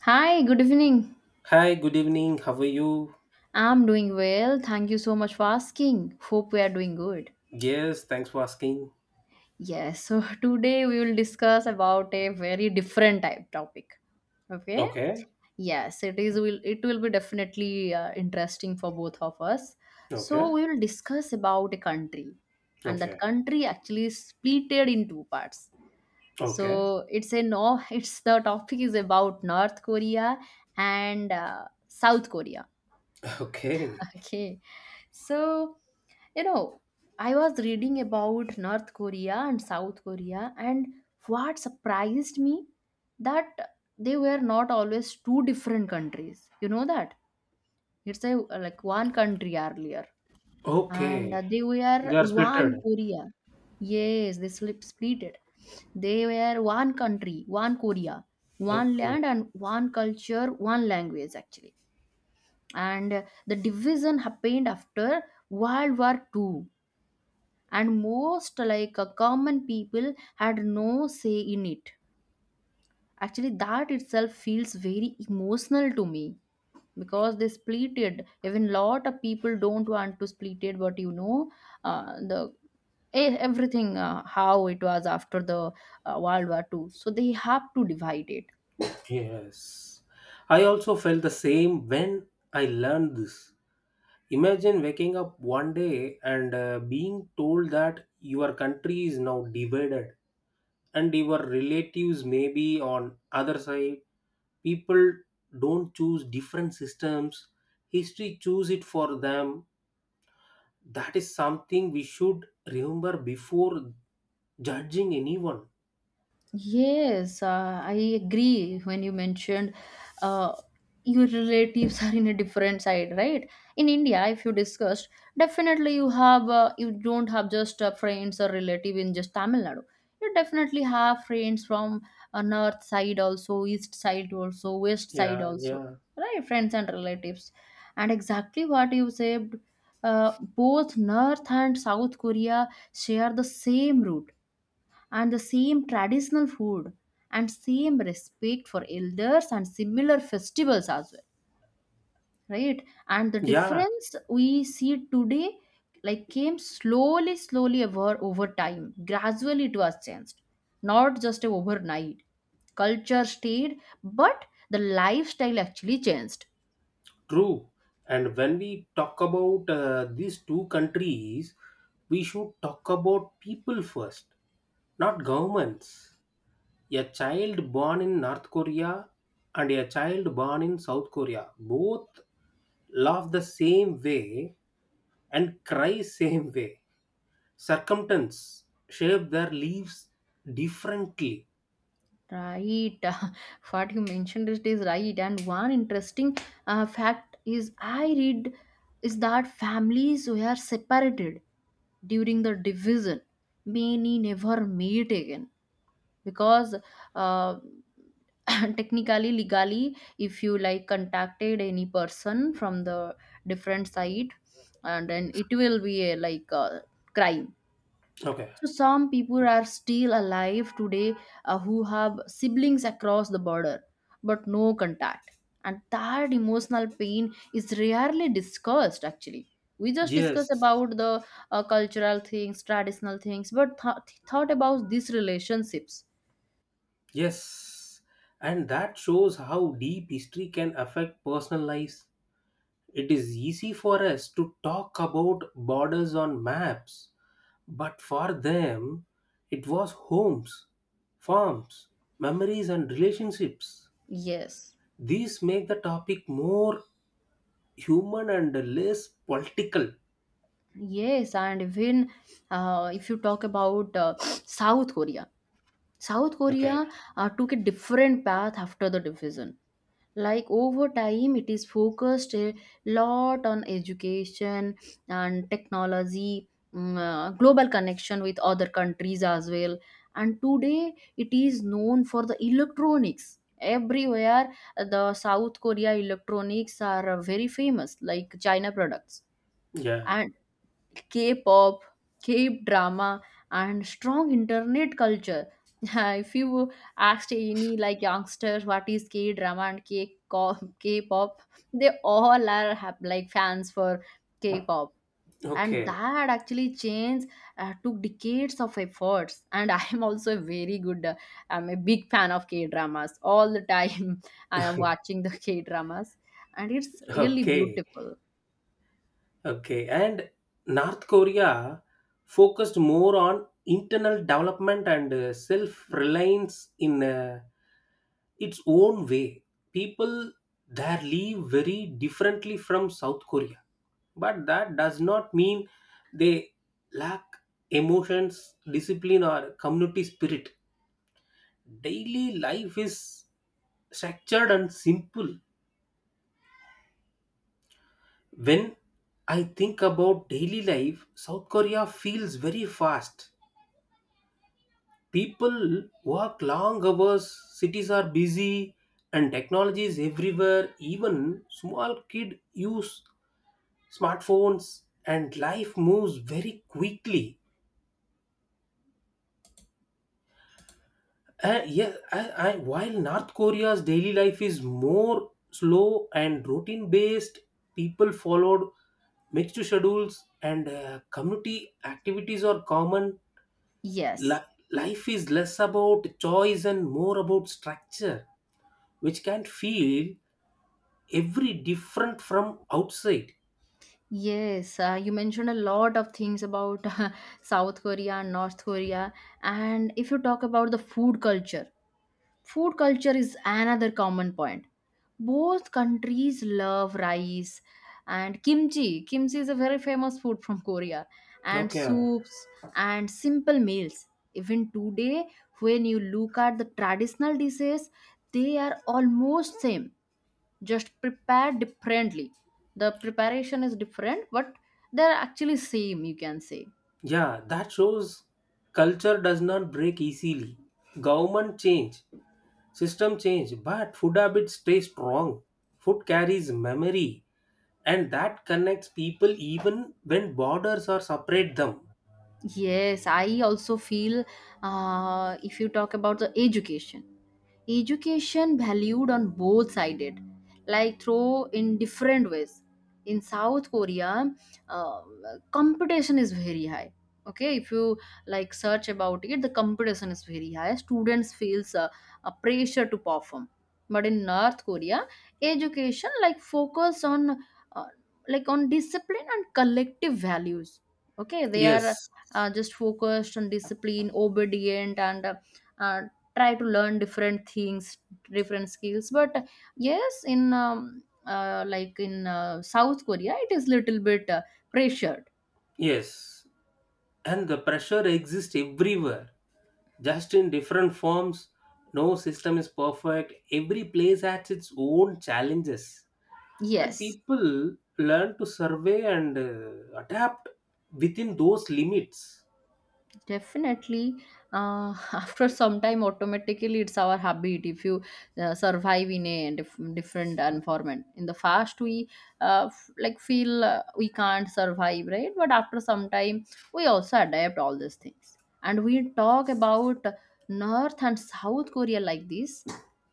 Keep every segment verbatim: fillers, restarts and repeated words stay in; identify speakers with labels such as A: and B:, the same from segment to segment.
A: Hi, good evening.
B: Hi, good evening. How are you?
A: I'm doing well. Thank you so much for asking. Hope we are doing good.
B: Yes, thanks for asking.
A: Yes, so today we will discuss about a very different type topic. Okay?
B: Okay,
A: Yes, it is will it will be definitely uh, interesting for both of us. So
B: okay,
A: we will discuss about a country, and that
B: okay,
A: country actually is splitted in two parts.
B: okay,
A: So it's a no it's the topic is about North Korea and uh, South Korea.
B: okay,
A: Okay. So, you know, I was reading about North Korea and South Korea, and what surprised me that they were not always two different countries. You know that? It's a like one country earlier, and
B: okay.
A: uh, they were
B: They are
A: one
B: splitted.
A: Korea. Yes, they slip split it. They were one country, one Korea, one
B: Okay,
A: land, and one culture, one language actually, and the division happened after world war Two, and most like uh, common people had no say in it actually. That itself feels very emotional to me because they split it even lot of people don't want to split it, but you know uh, the e- everything uh, how it was after the uh, world war Two, so they have to divide it.
B: yes. I also felt the same when I learned this. Imagine waking up one day and uh, being told that your country is now divided and your relatives may be on other side. People don't choose different systems. History choose it for them. That is something we should remember before judging anyone.
A: Yes, uh, I agree when you mentioned uh, your relatives are in a different side, right? In India, if you discussed, definitely you have uh, you don't have just uh, friends or relative in just Tamil Nadu. You definitely have friends from uh, north side also, east side also, west side
B: Yeah,
A: also,
B: yeah,
A: right? Friends and relatives, and exactly what you said, uh, both North and South Korea share the same root, and the same traditional food and same respect for elders and similar festivals as well, right? And the
B: yeah.
A: difference we see today like came slowly slowly over over time, gradually it was changed, not just overnight. Culture stayed, but the lifestyle actually changed.
B: True. And when we talk about uh, these two countries, we should talk about people first, not governments. A child born in North Korea and a child born in South Korea both laugh the same way and cry same way. Circumstance shape their lives differently.
A: Right. What you mentioned it is right. And one interesting uh, fact is I read is that families were separated during the division. Many never meet again because uh, technically, legally, if you like contacted any person from the different side, and then it will be a like a crime,
B: Okay.
A: so some people are still alive today uh, who have siblings across the border, but no contact. And that emotional pain is rarely discussed actually. We just discuss
B: Yes,
A: about the uh, cultural things, traditional things, but th- thought about these relationships.
B: yes. And that shows how deep history can affect personal lives. It is easy for us to talk about borders on maps, but for them, it was homes, farms, memories, and relationships.
A: Yes,
B: These make the topic more human and less political.
A: yes, and even uh, if you talk about uh, South Korea, South
B: Okay.
A: Korea uh, took a different path after the division. Like over time, it is focused a lot on education and technology, mm, uh, global connection with other countries as well, and today it is known for the electronics everywhere. Uh, the south korea electronics are uh, very famous like china products,
B: Yeah.
A: and K-pop, K-drama, and strong internet culture. If you asked any like youngsters what is K-drama and K K-pop, they all are have, like fans for K-pop, and
B: Okay.
A: that actually changed. Uh, took decades of efforts, and I am also a very good. Uh, I'm a big fan of K-dramas. All the time, I am watching the K-dramas, and it's really
B: Okay.
A: beautiful.
B: Okay, and North Korea focused more on internal development and uh, self-reliance in uh, its own way. People there live very differently from South Korea, but that does not mean they lack emotions, discipline, or community spirit. Daily life is structured and simple. When I think about daily life, South Korea feels very fast. People work long hours, cities are busy, and technology is everywhere. Even small kids use smartphones, and life moves very quickly. Uh, yeah, I, I, while North Korea's daily life is more slow and routine based, people followed mixed schedules and uh, community activities are common.
A: Yes.
B: Li- life is less about choice and more about structure, which can feel every different from outside.
A: Yes, uh, you mentioned a lot of things about South Korea and North Korea. And if you talk about the food culture, food culture is another common point. Both countries love rice and kimchi. Kimchi is a very famous food from Korea, and
B: Okay.
A: soups and simple meals. Even today, when you look at the traditional dishes, they are almost same, just prepare differently. The preparation is different, but they're actually same, you can say.
B: Yeah, that shows culture does not break easily. Government change, system change, but food habits stay strong. Food carries memory, and that connects people even when borders are separate them.
A: Yes, I also feel uh, if you talk about the education, education valued on both sided like through in different ways. In south korea, uh, competition is very high. Okay, if you like search about it, the competition is very high. Students feels uh, a pressure to perform. But in north korea, education like focus on uh, like on discipline and collective values. Okay, they are
B: Yes,
A: uh, just focused on discipline obedient and uh, uh, try to learn different things, different skills. But yes, in um, uh, like in uh, south korea it is little bit uh, pressured.
B: yes, and the pressure exists everywhere, just in different forms. No system is perfect. Every place has its own challenges, and
A: Yes.
B: people learn to survey and uh, adapt within those limits.
A: Definitely, uh, after some time, automatically it's our habit. If you uh, survive in a dif- different environment. In the first, we uh, f- like feel uh, we can't survive, right? But after some time, we also adapt all these things. And we talk about North and South Korea like this.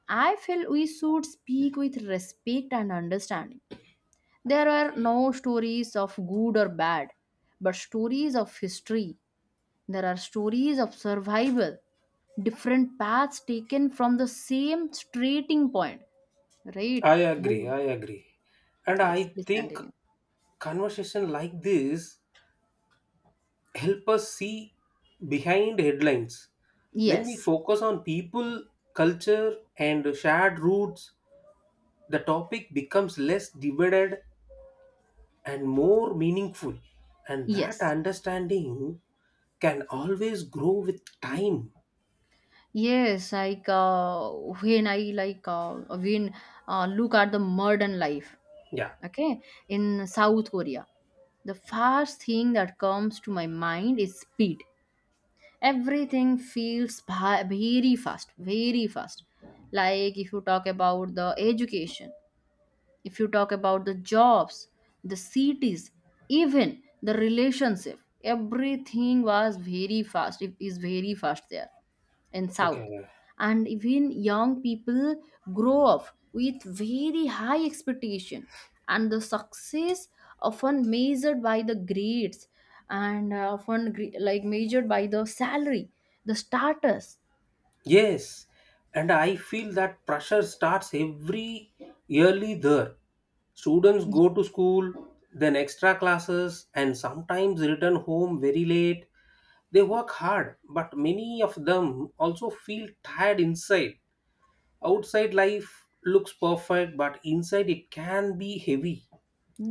A: I feel we should speak with respect and understanding. There are no stories of good or bad, but stories of history. There are stories of survival, different paths taken from the same starting point, right?
B: I agree,
A: Boom.
B: I agree. And I
A: Yes, please
B: think
A: continue.
B: conversation like this help us see behind headlines. When we
A: Yes,
B: focus on people, culture, and shared roots, the topic becomes less divided and more meaningful, and that
A: yes,
B: understanding can always grow with time.
A: yes. Like uh, when I like uh, when uh, look at the modern life,
B: Yeah.
A: okay, in South Korea, the first thing that comes to my mind is speed. Everything feels ba- very fast, very fast. Like if you talk about the education, if you talk about the jobs, the cities, even the relationship, everything was very fast. It is very fast there in south.
B: Okay.
A: And even young people grow up with very high expectation, and the success often measured by the grades and uh, often gre- like measured by the salary, the status.
B: Yes, and I feel that pressure starts every yearly there. Students go to school, then extra classes, and sometimes return home very late. They work hard, but many of them also feel tired inside. Outside life looks perfect, but inside it can be heavy.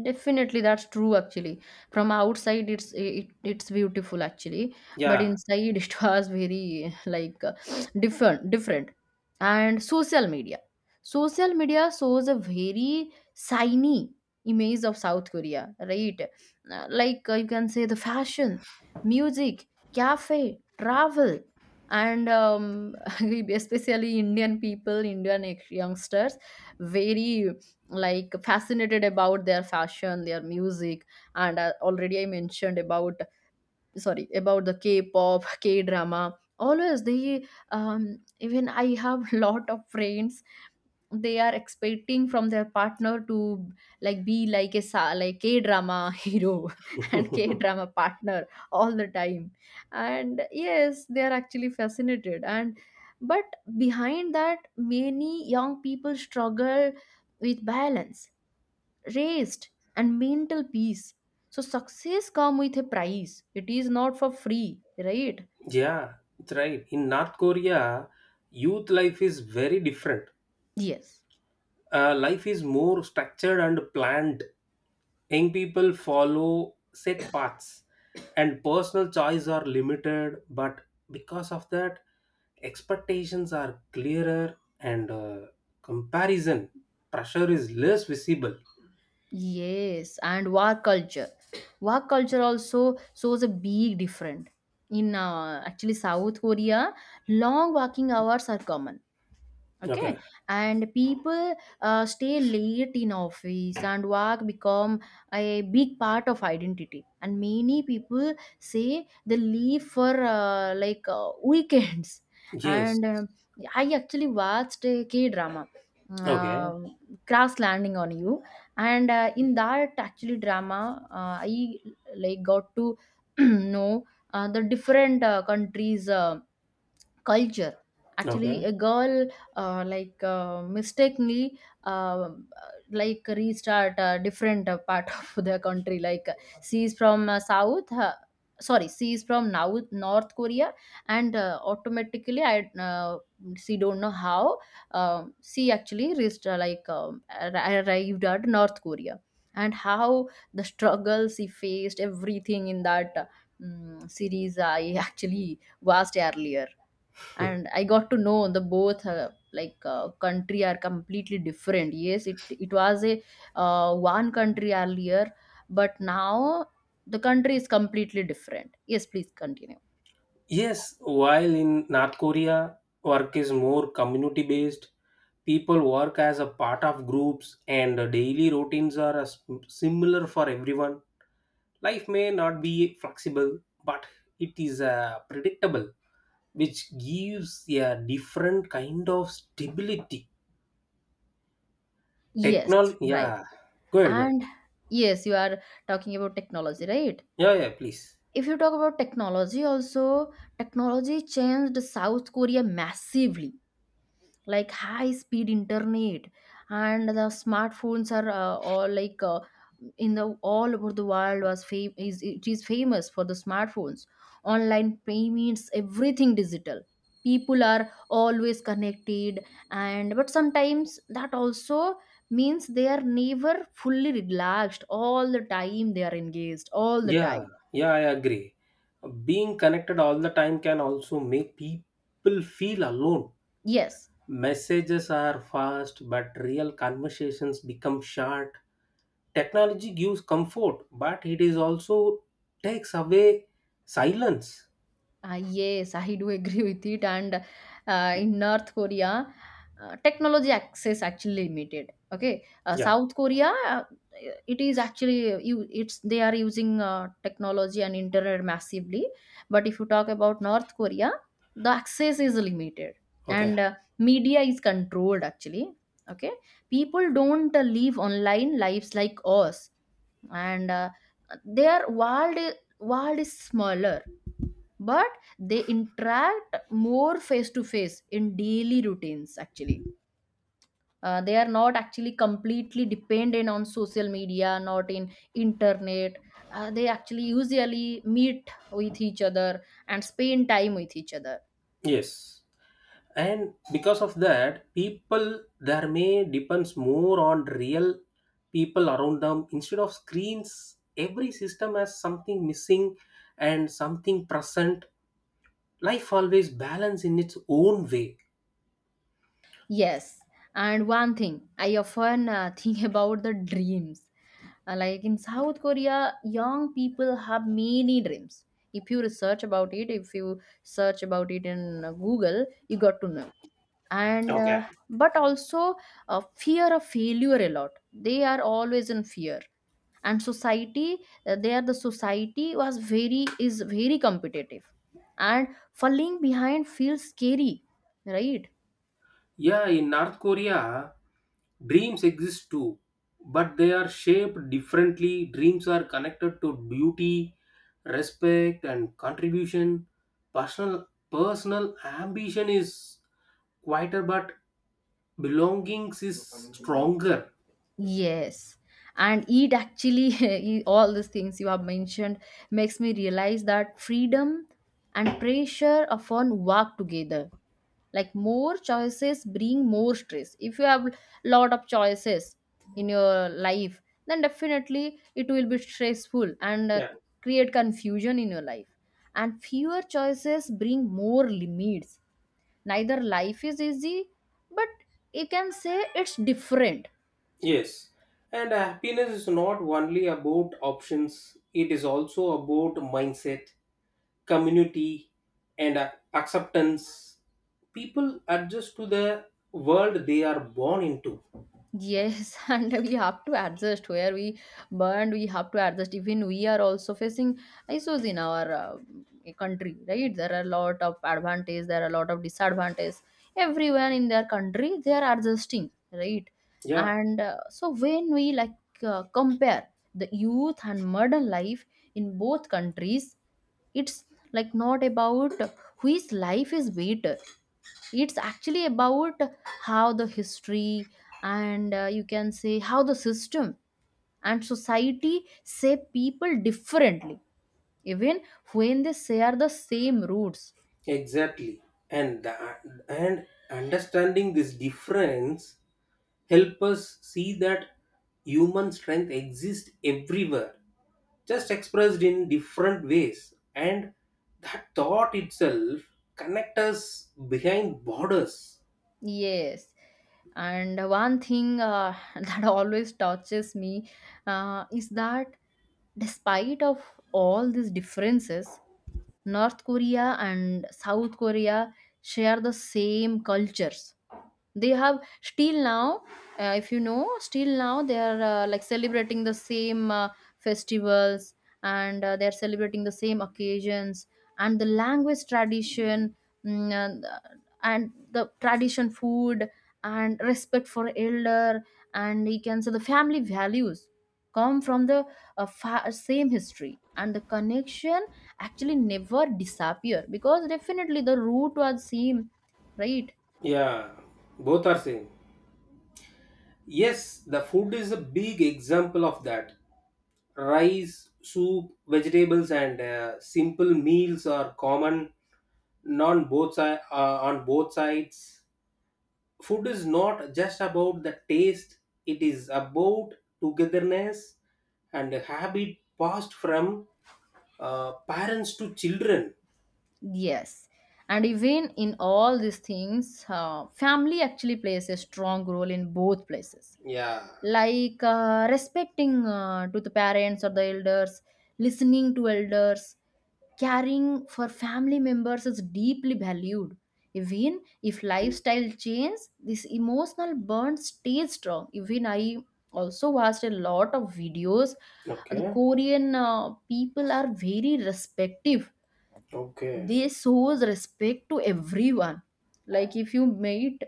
A: Definitely, that's true actually. From outside, it's it, it's beautiful actually, but
B: Yeah,
A: inside it was very like uh, different different. And social media, social media shows a very shiny image of South Korea, right? Uh, Like uh, you can say the fashion, music, cafe, travel, and um, especially Indian people, Indian youngsters, very like fascinated about their fashion, their music, and uh, already I mentioned about, sorry, about the k-pop k-drama always they um, even I have lot of friends. They are expecting from their partner to like be like a sa- like k-drama hero and k-drama partner all the time. And yes, they are actually fascinated, and but behind that, many young people struggle with balance, rest, and mental peace. So success come with a price, it is not for free, right?
B: yeah, it's right. In North Korea, youth life is very different.
A: Yes,
B: Uh, life is more structured and planned. Young people follow set paths, and personal choice are limited, but because of that, expectations are clearer and uh, comparison pressure is less visible.
A: yes. And work culture work culture also shows a big difference in uh, actually south korea. Long working hours are common. Okay,
B: Okay.
A: and people uh, stay late in office and work become a big part of identity, and many people say they leave for uh, like uh, weekends.
B: Yes.
A: And um I actually watched a k drama,
B: Okay.
A: uh, Crash Landing on You, and uh, in that actually drama, uh, I like got to know uh, the different uh, countries uh, culture.
B: Okay.
A: Actually a girl uh, like uh, mistakenly uh, like restart a different uh, part of the country. Like uh, she is from uh, south uh, sorry she is from now north korea. And uh, automatically I uh, she don't know how uh, she actually reached uh, like um, arri- arrived at north korea, and how the struggle she faced, everything in that uh, mm, series I actually watched earlier. And I got to know the both uh, like uh, country are completely different. Yes, it it was a uh, one country earlier, but now the country is completely different. Yes, please continue.
B: Yes, while in North Korea, work is more community based. People work as a part of groups, and uh, daily routines are uh, s- similar for everyone. Life may not be flexible, but it is uh, predictable, which gives a different kind of stability.
A: Yes,
B: Technology,
A: right.
B: yeah. Go ahead, go ahead.
A: And yes, you are talking about technology, right?
B: Yeah, yeah, please.
A: If you talk about technology also, technology changed south korea massively, like high speed internet, and the smartphones are uh, all like uh, in the all over the world was fam- is it is famous for the smartphones. Online payments, everything digital, people are always connected, and but sometimes that also means they are never fully relaxed, all the time they are engaged all the
B: Yeah,
A: time.
B: yeah, I agree. Being connected all the time can also make people feel alone.
A: Yes.
B: Messages are fast, but real conversations become short. Technology gives comfort, but it is also takes away silence.
A: Uh, yes, I do agree with it. And uh, in North Korea, uh, technology access actually limited. Okay, uh,
B: Yeah.
A: South Korea, uh, it is actually uh, you. It's they are using uh, technology and internet massively. But if you talk about North Korea, the access is limited,
B: Okay.
A: and uh, media is controlled actually. Okay, people don't uh, live online lives like us, and uh, their world i- world is smaller, but they interact more face to face in daily routines actually. Uh, they are not actually completely dependent on social media, not in internet. Uh, they actually usually meet with each other and spend time with each other.
B: Yes. And because of that, people there may depends more on real people around them instead of screens. Every system has something missing and something present. Life always balance in its own way.
A: Yes, and one thing I often uh, think about the dreams. Uh, like in South Korea, young people have many dreams. If you research about it, if you search about it in uh, Google, you got to know. And
B: Okay.
A: uh, but also uh, fear of failure a lot. They are always in fear. And society, uh, there the society was very is very competitive, and falling behind feels scary, right?
B: Yeah, in North Korea, dreams exist too, but they are shaped differently. Dreams are connected to beauty, respect, and contribution. Personal personal ambition is quieter, but belongings is stronger.
A: Yes. And it actually, it- all these things you have mentioned, makes me realize that freedom and pressure often work together. Like more choices bring more stress. If you have lot of choices in your life, then definitely it will be stressful and uh,
B: Yeah,
A: create confusion in your life. And fewer choices bring more limits. Neither life is easy, but you can say it's different.
B: yes. And happiness is not only about options, it is also about mindset, community, and ac- acceptance. People adjust to the world they are born into.
A: Yes, and we have to adjust where we burned. We have to adjust. Even we are also facing issues in our uh, country, right? There are a lot of advantage. There are a lot of disadvantage. Everyone in their country, they are adjusting, right?
B: Yeah,
A: And uh, so when we like uh, compare the youth and modern life in both countries, it's like not about which life is better, it's actually about how the history and uh, you can say how the system and society say people differently, even when they share the same roots.
B: exactly. And the, and understanding this difference help us see that human strength exists everywhere, just expressed in different ways, and that thought itself connect us behind borders.
A: Yes. And one thing uh, that always touches me uh, is that despite of all these differences, North Korea and South Korea share the same cultures. They have still now, uh, if you know, still now they are uh, like celebrating the same uh, festivals, and uh, they are celebrating the same occasions and the language tradition, mm, and, and the tradition food and respect for elder, and you can say the family values come from the uh, fa- same history, and the connection actually never disappear because definitely the root was same, right?
B: Yeah, both are same. Yes, the food is a big example of that. Rice, soup, vegetables, and uh, simple meals are common non both si- uh, on both sides. Food is not just about the taste; it is about togetherness and a habit passed from uh, parents to children.
A: Yes. And even in all these things, uh, family actually plays a strong role in both places.
B: Yeah.
A: Like uh, respecting uh, to the parents or the elders, listening to elders, caring for family members is deeply valued. Even if lifestyle changes, this emotional bond stays strong. Even I also watched a lot of videos. The
B: Okay.
A: Korean uh, people are very respective,
B: Okay.
A: they shows respect to everyone. Like if you meet,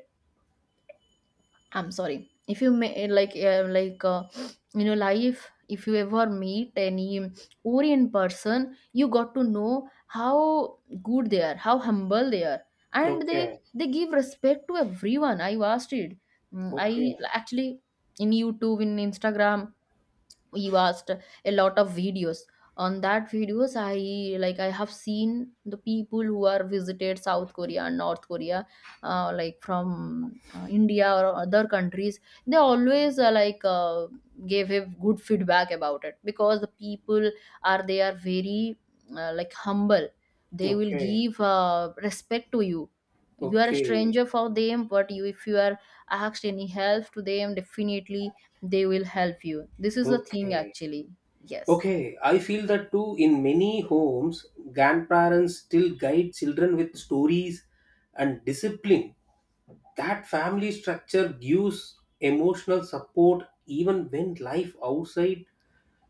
A: I'm sorry, if you may like uh, like uh, in your life if you ever meet any orient person, you got to know how good they are, how humble they are. And they
B: Okay.
A: they give respect to everyone, I watched it. Mm, I
B: Okay.
A: actually, in YouTube, in Instagram, he watched a lot of videos. On that videos, I like, I have seen the people who are visited South Korea and North Korea, uh, like from uh, India or other countries. They always uh, like uh, gave a good feedback about it because the people are, they are very uh, like humble. They will
B: Okay.
A: give uh, respect to you. You are a
B: Okay.
A: stranger for them, but you if you are asked any help to them, definitely they will help you. This is the thing
B: Okay.
A: actually. Yes.
B: Okay, I feel that too. In many homes, grandparents still guide children with stories and discipline. That family structure gives emotional support even when life outside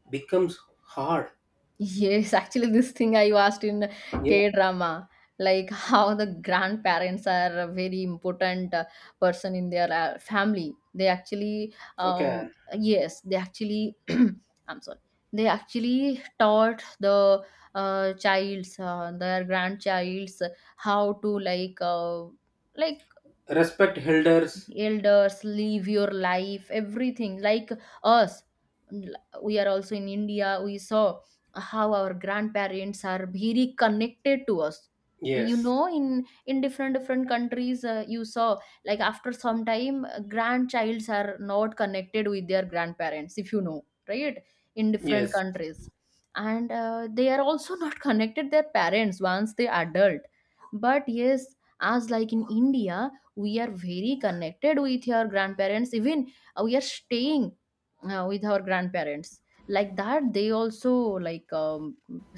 B: becomes hard.
A: Yes, actually this thing I asked in
B: Yeah.
A: k drama like how the grandparents are a very important uh, person in their uh, family. They actually
B: Okay.
A: um, yes they actually I'm sorry, they actually taught the uh, childs, uh, their grandchilds, how to like uh, like
B: Respect elders.
A: elders, live your life, everything like us. We are also in India, we saw how our grandparents are very connected to us. You
B: Yes.
A: know, in in different different countries, uh, you saw like after some time, uh, grandchilds are not connected with their grandparents, if you know, right? In different
B: Yes.
A: countries. And uh, they are also not connected their parents once they adult. But yes, as like in India, we are very connected with our grandparents. Even uh, we are staying uh, with our grandparents. Like that, they also like um,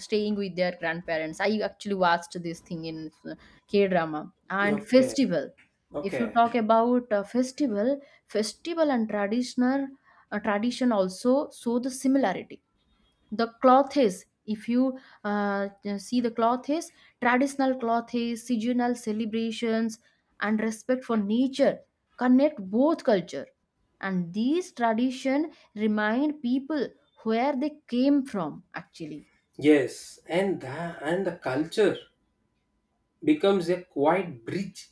A: staying with their grandparents. I actually watched this thing in k drama and
B: Okay.
A: festival, if you
B: Okay.
A: talk about uh, festival festival and traditional uh, tradition also show the similarity. The cloth is, if you uh, see, the cloth is, traditional cloth is, seasonal celebrations and respect for nature connect both culture, and these tradition remind people where they came from actually.
B: Yes. And the, and the culture becomes a quiet bridge.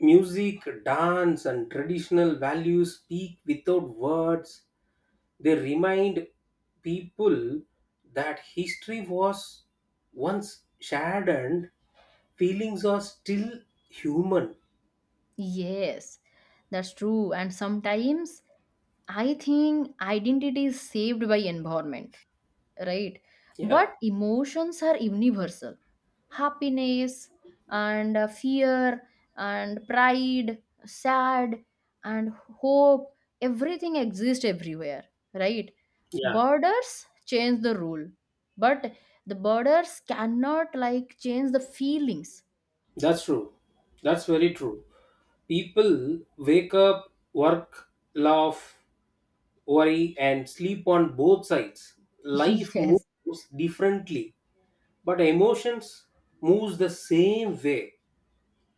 B: Music, dance, and traditional values speak without words. They remind people that history was once shared and feelings are still human.
A: Yes, that's true. And sometimes I think identity is saved by environment, right? But
B: Yeah,
A: emotions are universal. Happiness and uh, fear and pride, sad and hope, everything exists everywhere, right?
B: yeah,
A: Borders change the rule, but the borders cannot like change the feelings.
B: that's true. That's very true. People wake up, work, laugh, worry, and sleep on both sides. Life
A: yes,
B: moves differently, but emotions moves the same way.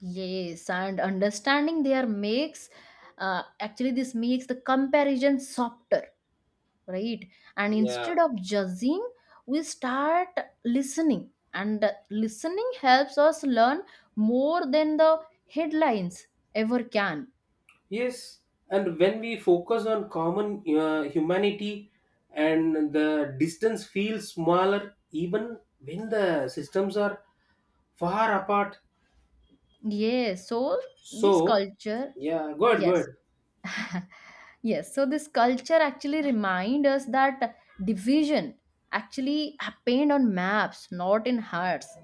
A: yes, and understanding there makes uh, actually this makes the comparison softer, right? And
B: Yeah.
A: instead of judging, we start listening, and listening helps us learn more than the headlines ever can.
B: Yes, and when we focus on common uh, humanity, and the distance feels smaller even when the systems are far apart.
A: yes so this
B: So,
A: culture
B: yeah, good,
A: yes.
B: good.
A: Yes, so this culture actually remind us that division actually happened on maps, not in hearts,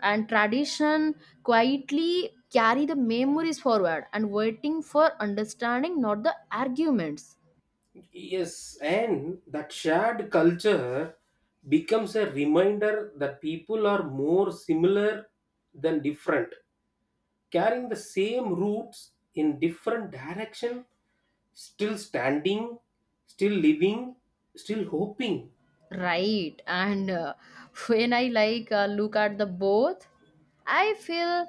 A: and tradition quietly carry the memories forward and waiting for understanding, not the arguments.
B: Yes, and that shared culture becomes a reminder that people are more similar than different, carrying the same roots in different direction, still standing, still living, still hoping.
A: Right. And uh, when I like uh, look at the both, I feel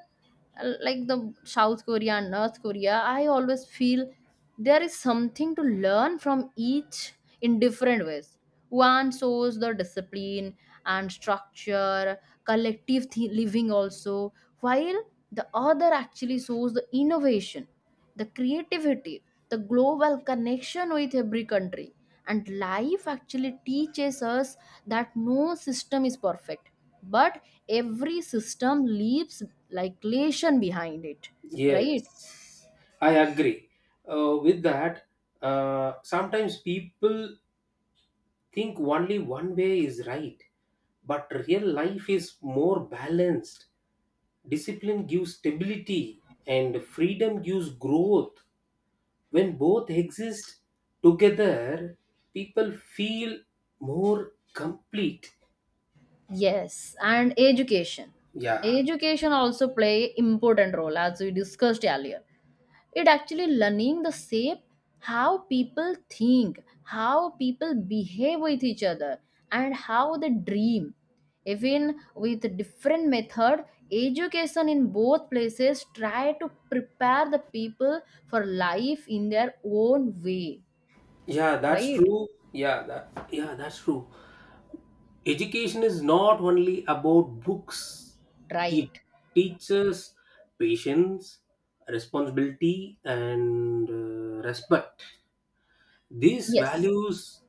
A: uh, like the South Korea and North Korea, I always feel there is something to learn from each in different ways. One shows the discipline and structure, collective th- living also, while the other actually shows the innovation, the creativity, the global connection with every country. And life actually teaches us that no system is perfect, but every system leaves like lesion behind it,
B: Yes,
A: right?
B: I agree uh, with that. Uh, sometimes people think only one way is right, but real life is more balanced. Discipline gives stability and freedom gives growth. When both exist together, people feel more complete.
A: Yes. And education,
B: Yeah.
A: education also play important role as we discussed earlier. It actually learning the same, how people think, how people behave with each other, and how they dream, even with different method. Education in both places try to prepare the people for life in their own way.
B: Yeah, that's
A: Right.
B: true. Yeah that, yeah, that's true. Education is not only about books. It
A: right
B: teaches patience, responsibility, and uh, respect. These
A: yes.
B: values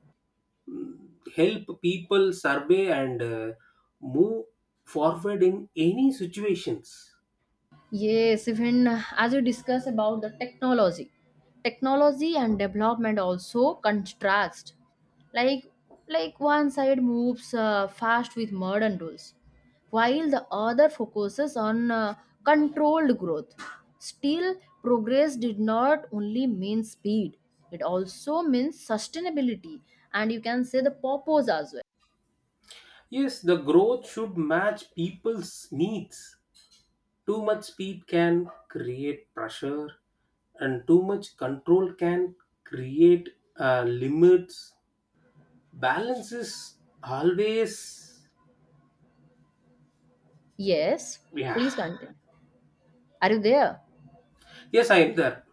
B: help people survey and uh, move forward in any situations.
A: Yes, even uh, as you discuss about the technology, technology and development also contrast. Like, like one side moves uh, fast with modern tools, while the other focuses on uh, controlled growth. Still, progress did not only mean speed; it also means sustainability, and you can say the purpose as well.
B: Yes, the growth should match people's needs. Too much speed can create pressure, and too much control can create uh, limits. Balance is always,
A: Yes,
B: yeah.
A: please continue. Are you there?
B: Yes, I am there.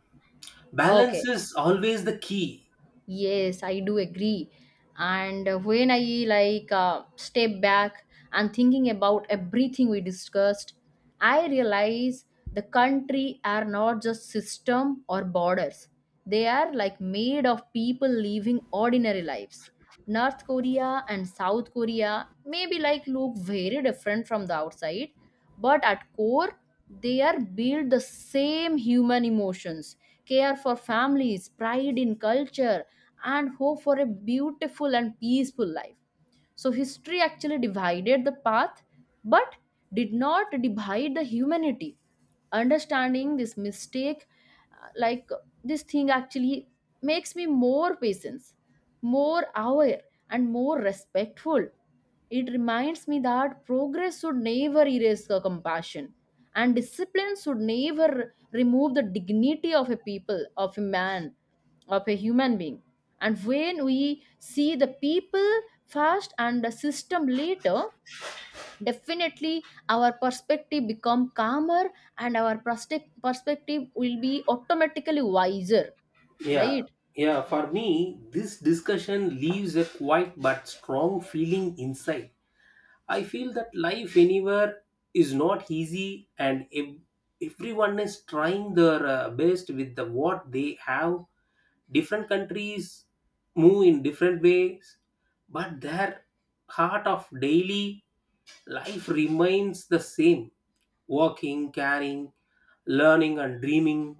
B: Balance
A: Okay.
B: is always the key.
A: Yes, I do agree. And uh, when I like uh, step back and thinking about everything we discussed, I realize the country are not just system or borders. They are like made of people living ordinary lives. North Korea and South Korea may be like look very different from the outside, but at core they are built the same human emotions, care for families, pride in culture, and hope for a beautiful and peaceful life. So history actually divided the path, but did not divide the humanity. Understanding this mistake, uh, like uh, this thing actually makes me more patient, more aware, and more respectful. It reminds me that progress should never erase the compassion, and discipline should never remove the dignity of a people, of a man, of a human being. And when we see the people first and the system later, definitely our perspective become calmer, and our prospect- perspective will be automatically wiser,
B: Yeah,
A: right?
B: yeah. For me, this discussion leaves a quiet but strong feeling inside. I feel that life anywhere is not easy, and ev- everyone is trying their uh, best with the what they have. Different countries move in different ways, but their heart of daily life remains the same: walking, caring, learning, and dreaming.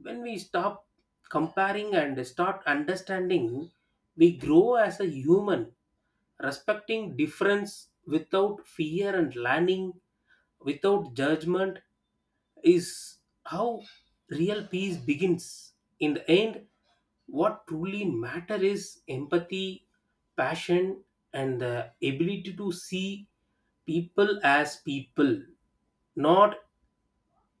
B: When we stop comparing and start understanding, we grow as a human. Respecting difference without fear and learning without judgment is how real peace begins. In the end, what truly matters is empathy, passion, and the ability to see people as people, not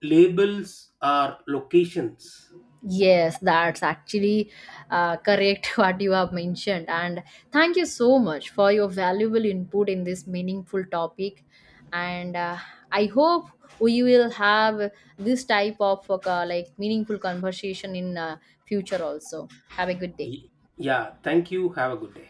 B: labels or locations.
A: Yes, that's actually uh, correct what you have mentioned. And thank you so much for your valuable input in this meaningful topic. And uh, I hope we will have this type of uh, like meaningful conversation in uh, future also. Have a good day.
B: Y- Yeah, thank you. Have a good day.